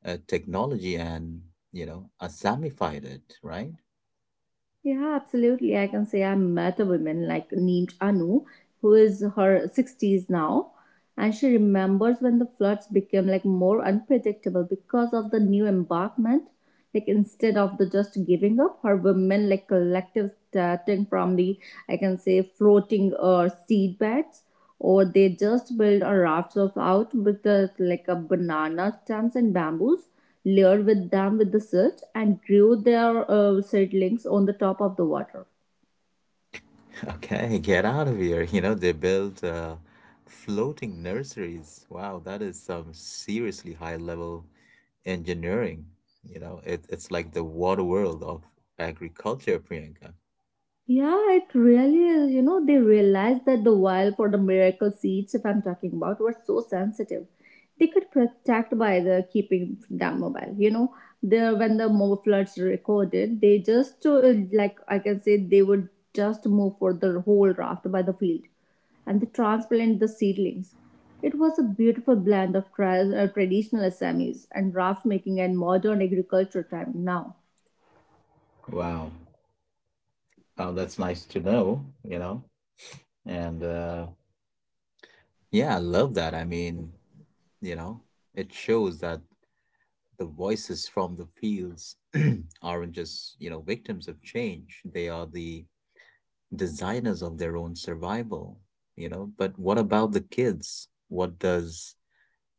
A: technology and you know assamified it, right?
B: Yeah, absolutely. I can say I met a woman like named Anu, who is her 60s now, and she remembers when the floods became like more unpredictable because of the new embankment. Like instead of the just giving up, her women like collective starting from the I can say floating or seed beds or they just build a raft of out with the, like a banana stems and bamboos layered with them with the silt and grew their seedlings on the top of the water.
A: Okay, get out of here. You know, they built floating nurseries. Wow, that is some seriously high level engineering. You know, it's like the water world of agriculture, Priyanka.
B: Yeah, it really is. You know, they realized that the vial for the miracle seeds, if I'm talking about, were so sensitive. They could protect by the keeping them mobile. You know, the when the more floods recorded, they just like I can say they would just move for the whole raft by the field, and they transplant the seedlings. It was a beautiful blend of traditional Assamese and raft making and modern agriculture time now.
A: Wow. Oh, that's nice to know, you know. And Yeah, I love that. I mean, you know, it shows that the voices from the fields (clears throat) aren't just, victims of change. They are the designers of their own survival. But what about the kids? What does,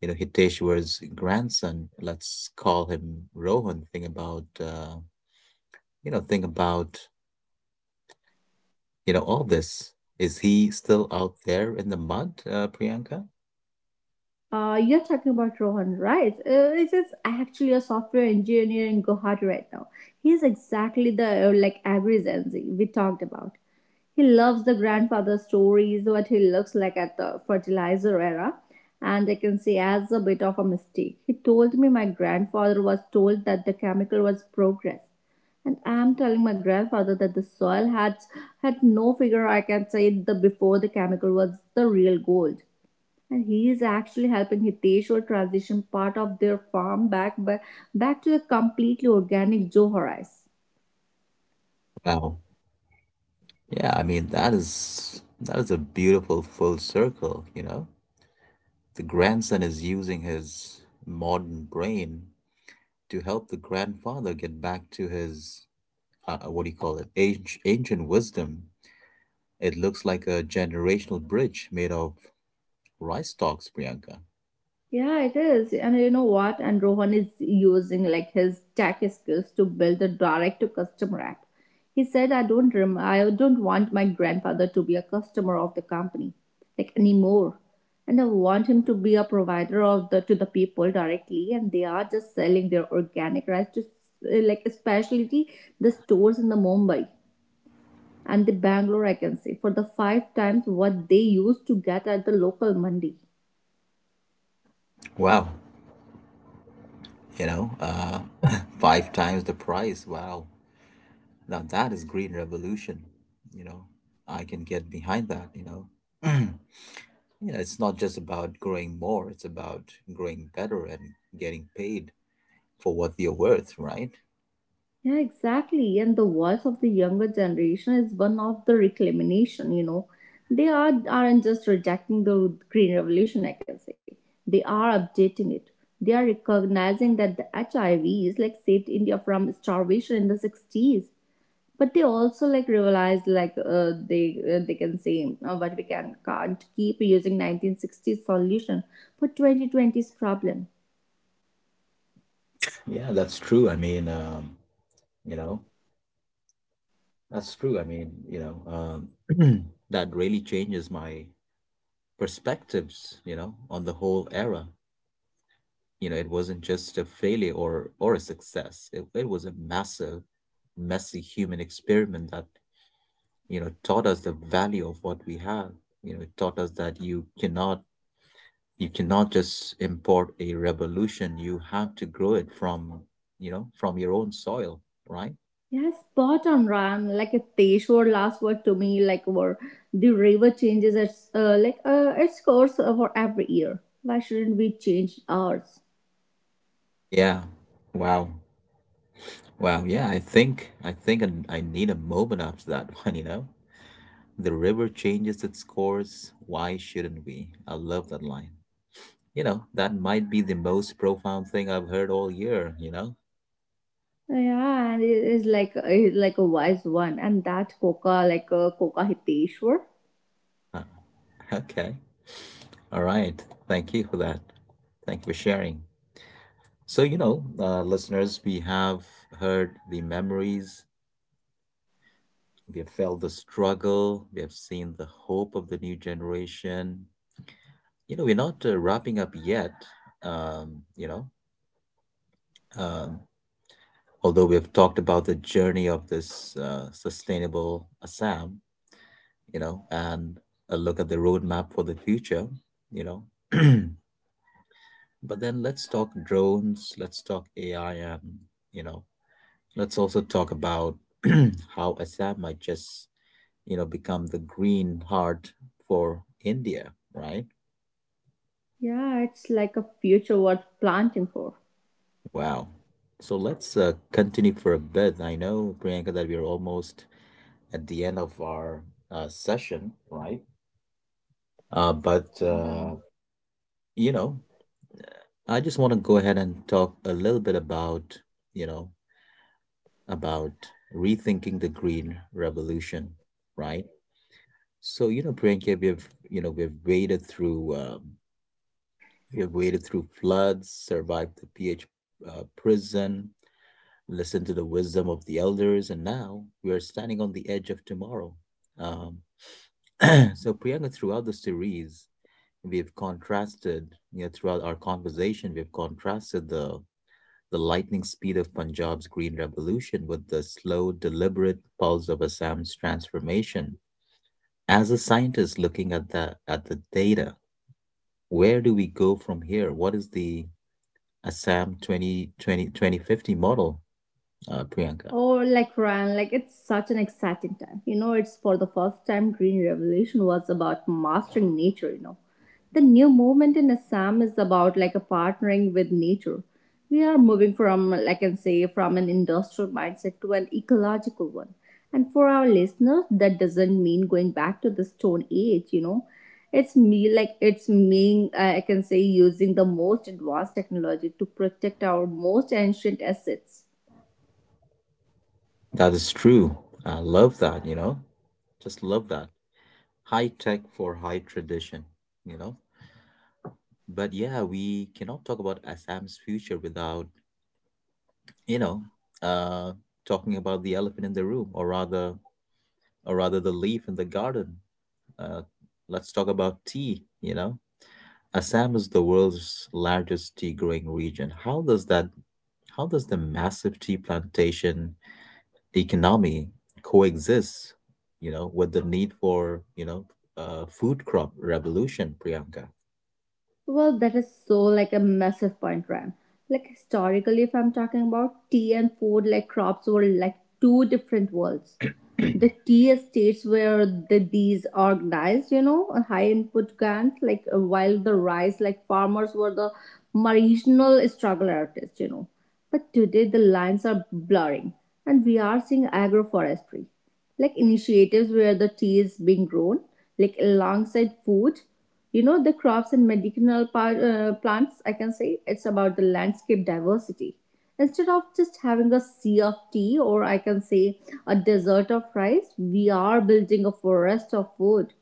A: Hiteshwar's grandson, let's call him Rohan, think about, you know, think about, all this? Is he still out there in the mud, Priyanka?
B: You're talking about Rohan, right? It is actually a software engineer in Guwahati right now. He's exactly the like average Gen Z we talked about. He loves the grandfather stories, what he looks like at the fertilizer era, and I can see as a bit of a mistake. He told me my grandfather was told that the chemical was progress. And I'm telling my grandfather that the soil had no figure I can say the before the chemical was the real gold. And he is actually helping Hiteshwar transition part of their farm back to a completely organic Johar rice.
A: Wow. Yeah, I mean, that is a beautiful full circle, you know? The grandson is using his modern brain to help the grandfather get back to his what do you call it? Age, ancient wisdom. It looks like a generational bridge made of rice stalks, Priyanka.
B: Yeah, it is. And you know what? And Rohan is using like his tech skills to build a direct to customer app. He said, "I don't I don't want my grandfather to be a customer of the company like anymore." And I want him to be a provider of the to the people directly, and they are just selling their organic rice to like especially the stores in the Mumbai and the Bangalore, I can say, for the five times what they used to get at the local mandi.
A: Wow, you know, uh, (laughs) five times the price. Wow, now that is green revolution. You know, I can get behind that. You know, (clears throat) you know, it's not just about growing more; it's about growing better and getting paid for what you're worth, right?
B: Yeah, exactly. And the voice of the younger generation is one of the recrimination, you know. They are, aren't just rejecting the Green Revolution, I can say. They are updating it. They are recognizing that the HIV is like saved India from starvation in the 60s, but they also like realize like they can say but we can can't keep using 1960s solution for 2020's problem.
A: Yeah, that's true. I mean, you know. That's true. I mean, um, (clears throat) that really changes my perspectives, you know, on the whole era. You know, it wasn't just a failure or a success. It was a massive, messy human experiment that, you know, taught us the value of what we have. You know, it taught us that you cannot just import a revolution. You have to grow it from, you know, from your own soil, right?
B: Yeah, spot on, Ram. Like a Teshwar last word to me, like where the river changes its its course for every year, why shouldn't we change ours?
A: Yeah. Wow. Wow, yeah, I need a moment after that (laughs) one, you know? The river changes its course, why shouldn't we? I love that line. You know, that might be the most profound thing I've heard all year, you know?
B: Yeah, and it is like it's like a wise one and that coca like a coca Hiteshwar.
A: (laughs) Uh, Okay. All right. Thank you for that. Thank you for sharing. So, listeners, we have heard the memories, we have felt the struggle, we have seen the hope of the new generation. You know, we're not wrapping up yet, um, you know, um, although we've talked about the journey of this sustainable Assam, you know, and a look at the roadmap for the future, you know. (clears throat) But then let's talk drones, let's talk AI, and, you know, let's also talk about (clears throat) how Assam might just, you know, become the green heart for India, right?
B: Yeah, it's like a future worth planting for.
A: Wow. So let's continue for a bit. I know, Priyanka, that we're almost at the end of our session, right? Uh, but,
B: Yeah.
A: uh, you know, I just want to go ahead and talk a little bit you know, about rethinking the green revolution, right? So, you know, Priyanka, we've waded through, we've waded through floods, survived the PH prison, listen to the wisdom of the elders, and now we are standing on the edge of tomorrow. Um, (clears throat) so, Priyanka, throughout the series, we've contrasted, you know, throughout our conversation, we've contrasted the lightning speed of Punjab's Green Revolution with the slow, deliberate pulse of Assam's transformation. As a scientist looking at the data, where do we go from here? What is the Assam 2020-2050 model, Priyanka?
B: Or like Ryan, like it's such an exciting time. You know, it's for the first time Green Revolution was about mastering nature, you know. The new movement in Assam is about like a partnering with nature. We are moving from like I can say from an industrial mindset to an ecological one. And for our listeners, that doesn't mean going back to the stone age, you know. It's me like it's mean I can say using the most advanced technology to protect our most ancient assets.
A: That is true. I love that, you know, just love that. High tech for high tradition, you know. But yeah, we cannot talk about Assam's future without, you know, uh, talking about the elephant in the room, or rather the leaf in the garden. Uh, let's talk about tea, you know. Assam is the world's largest tea growing region. How does the massive tea plantation economy coexists, you know, with the need for, food crop revolution, Priyanka.
B: Well, that is so like a massive point, Ram. Like historically, if I'm talking about tea and food, like crops were like two different worlds. The tea estates where the bees organized, you know, a high input grant, like while the rice, like farmers were the marginal struggle artists, you know. But today the lines are blurring and we are seeing agroforestry, like initiatives where the tea is being grown, like alongside food, you know, the crops and medicinal plants, I can say it's about the landscape diversity. Instead of just having a sea of tea, or I can say a desert of rice, we are building a forest of food.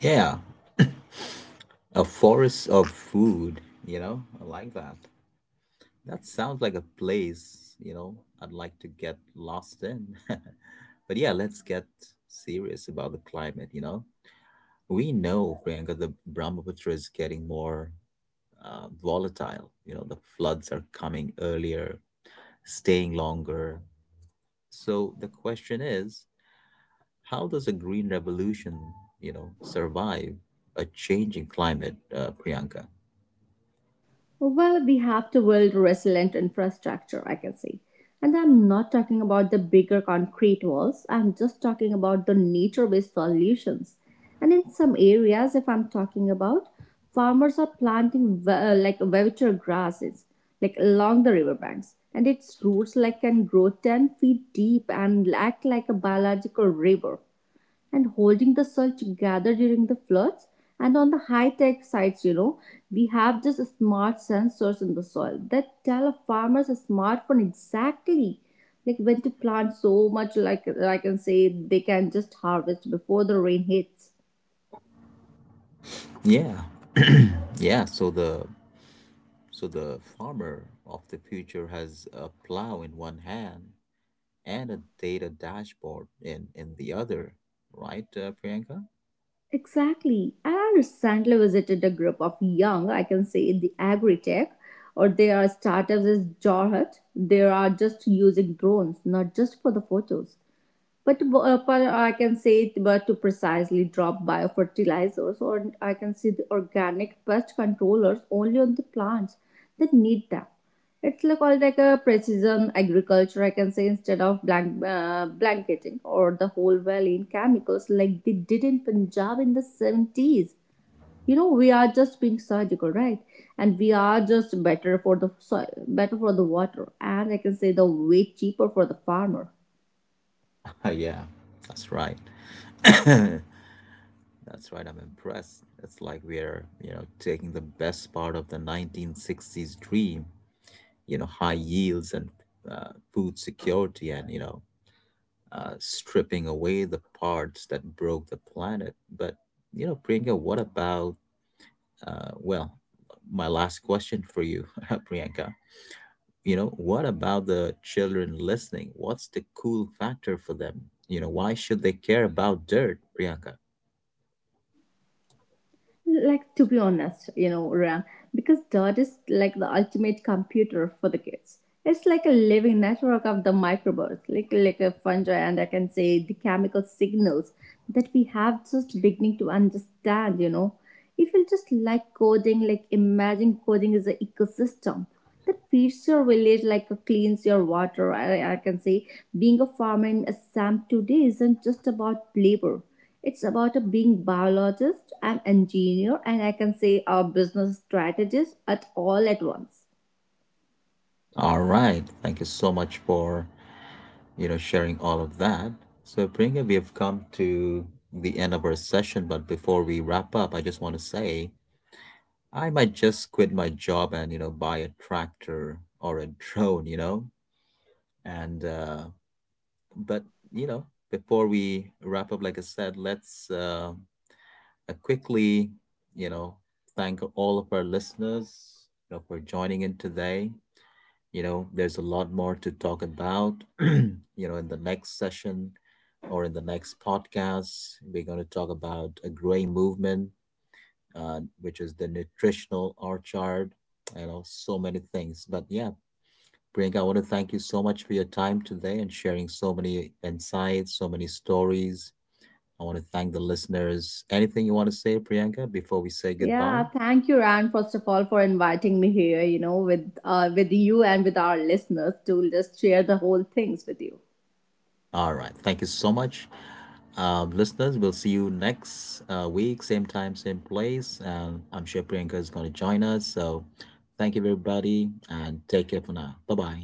A: Yeah, a forest of food, you know, I like that. That sounds like a place, you know, I'd like to get lost in. (laughs) But yeah, let's get serious about the climate, you know. We know, Priyanka, the Brahmaputra is getting more volatile. You know, the floods are coming earlier, staying longer. So the question is, how does a green revolution, you know, survive a changing climate, Priyanka?
B: Well, we have to build resilient infrastructure, I can say. And I'm not talking about the bigger concrete walls, I'm just talking about the nature based solutions. And in some areas, if I'm talking about, farmers are planting like vegetal grasses, like along the riverbanks, and its roots like can grow 10 feet deep and act like a biological river and holding the soil together during the floods. And on the high tech sites, you know, we have just smart sensors in the soil that tell a farmer's smartphone exactly like when to plant so much like I can say they can just harvest before the rain hits.
A: Yeah, (clears throat) yeah. So the farmer of the future has a plow in one hand and a data dashboard in the other, right, Priyanka?
B: Exactly. And I recently visited a group of young, I can say in the agri-tech or they are startups as Jarhat. They are just using drones, not just for the photos, but to, I can say it, but to precisely drop biofertilizers, or I can see the organic pest controllers only on the plants that need them. It's like all like a precision agriculture, I can say, instead of blank, blanketing or the whole valley in chemicals like they did in Punjab in the 70s. You know, we are just being surgical, right? And we are just better for the soil, better for the water, and I can say the way cheaper for the farmer.
A: (laughs) Yeah, that's right. (coughs) That's right. I'm impressed. It's like we're, you know, taking the best part of the 1960s dream, you know, high yields and, food security, and, you know, stripping away the parts that broke the planet. But, you know, Priyanka, what about, uh, well my last question for you, (laughs) Priyanka, you know, what about the children listening? What's the cool factor for them, you know? Why should they care about dirt, Priyanka?
B: Like to be honest, you know, Rang, because Dot is like the ultimate computer for the kids. It's like a living network of the microbes, like a fungi, and I can say the chemical signals that we have just beginning to understand. You know, if you just like coding, like imagine coding is an ecosystem that feeds your village like a cleans your water. I can say being a farmer in Assam today isn't just about labor. It's about a being biologist, an engineer, and I can say a business strategist at all at once.
A: All right, thank you so much for, you know, sharing all of that. So, Priyanka, we have come to the end of our session, but before we wrap up, I just want to say I might just quit my job and, you know, buy a tractor or a drone, you know, and, but, you know, before we wrap up, like I said, let's quickly, you know, thank all of our listeners, you know, for joining in today. You know, there's a lot more to talk about. (clears throat) You know, in the next session or in the next podcast, we're going to talk about a growing movement, which is the nutritional orchard, you know, so many things. But yeah, Priyanka, I want to thank you so much for your time today and sharing so many insights, so many stories. I want to thank the listeners. Anything you want to say, Priyanka, before we say goodbye?
B: Yeah, thank you, Ran, first of all, for inviting me here, you know, with you and with our listeners to just share the whole things with you.
A: All right. Thank you so much, listeners. We'll see you next week, same time, same place. And I'm sure Priyanka is going to join us. So thank you, everybody, and take care for now. Bye bye.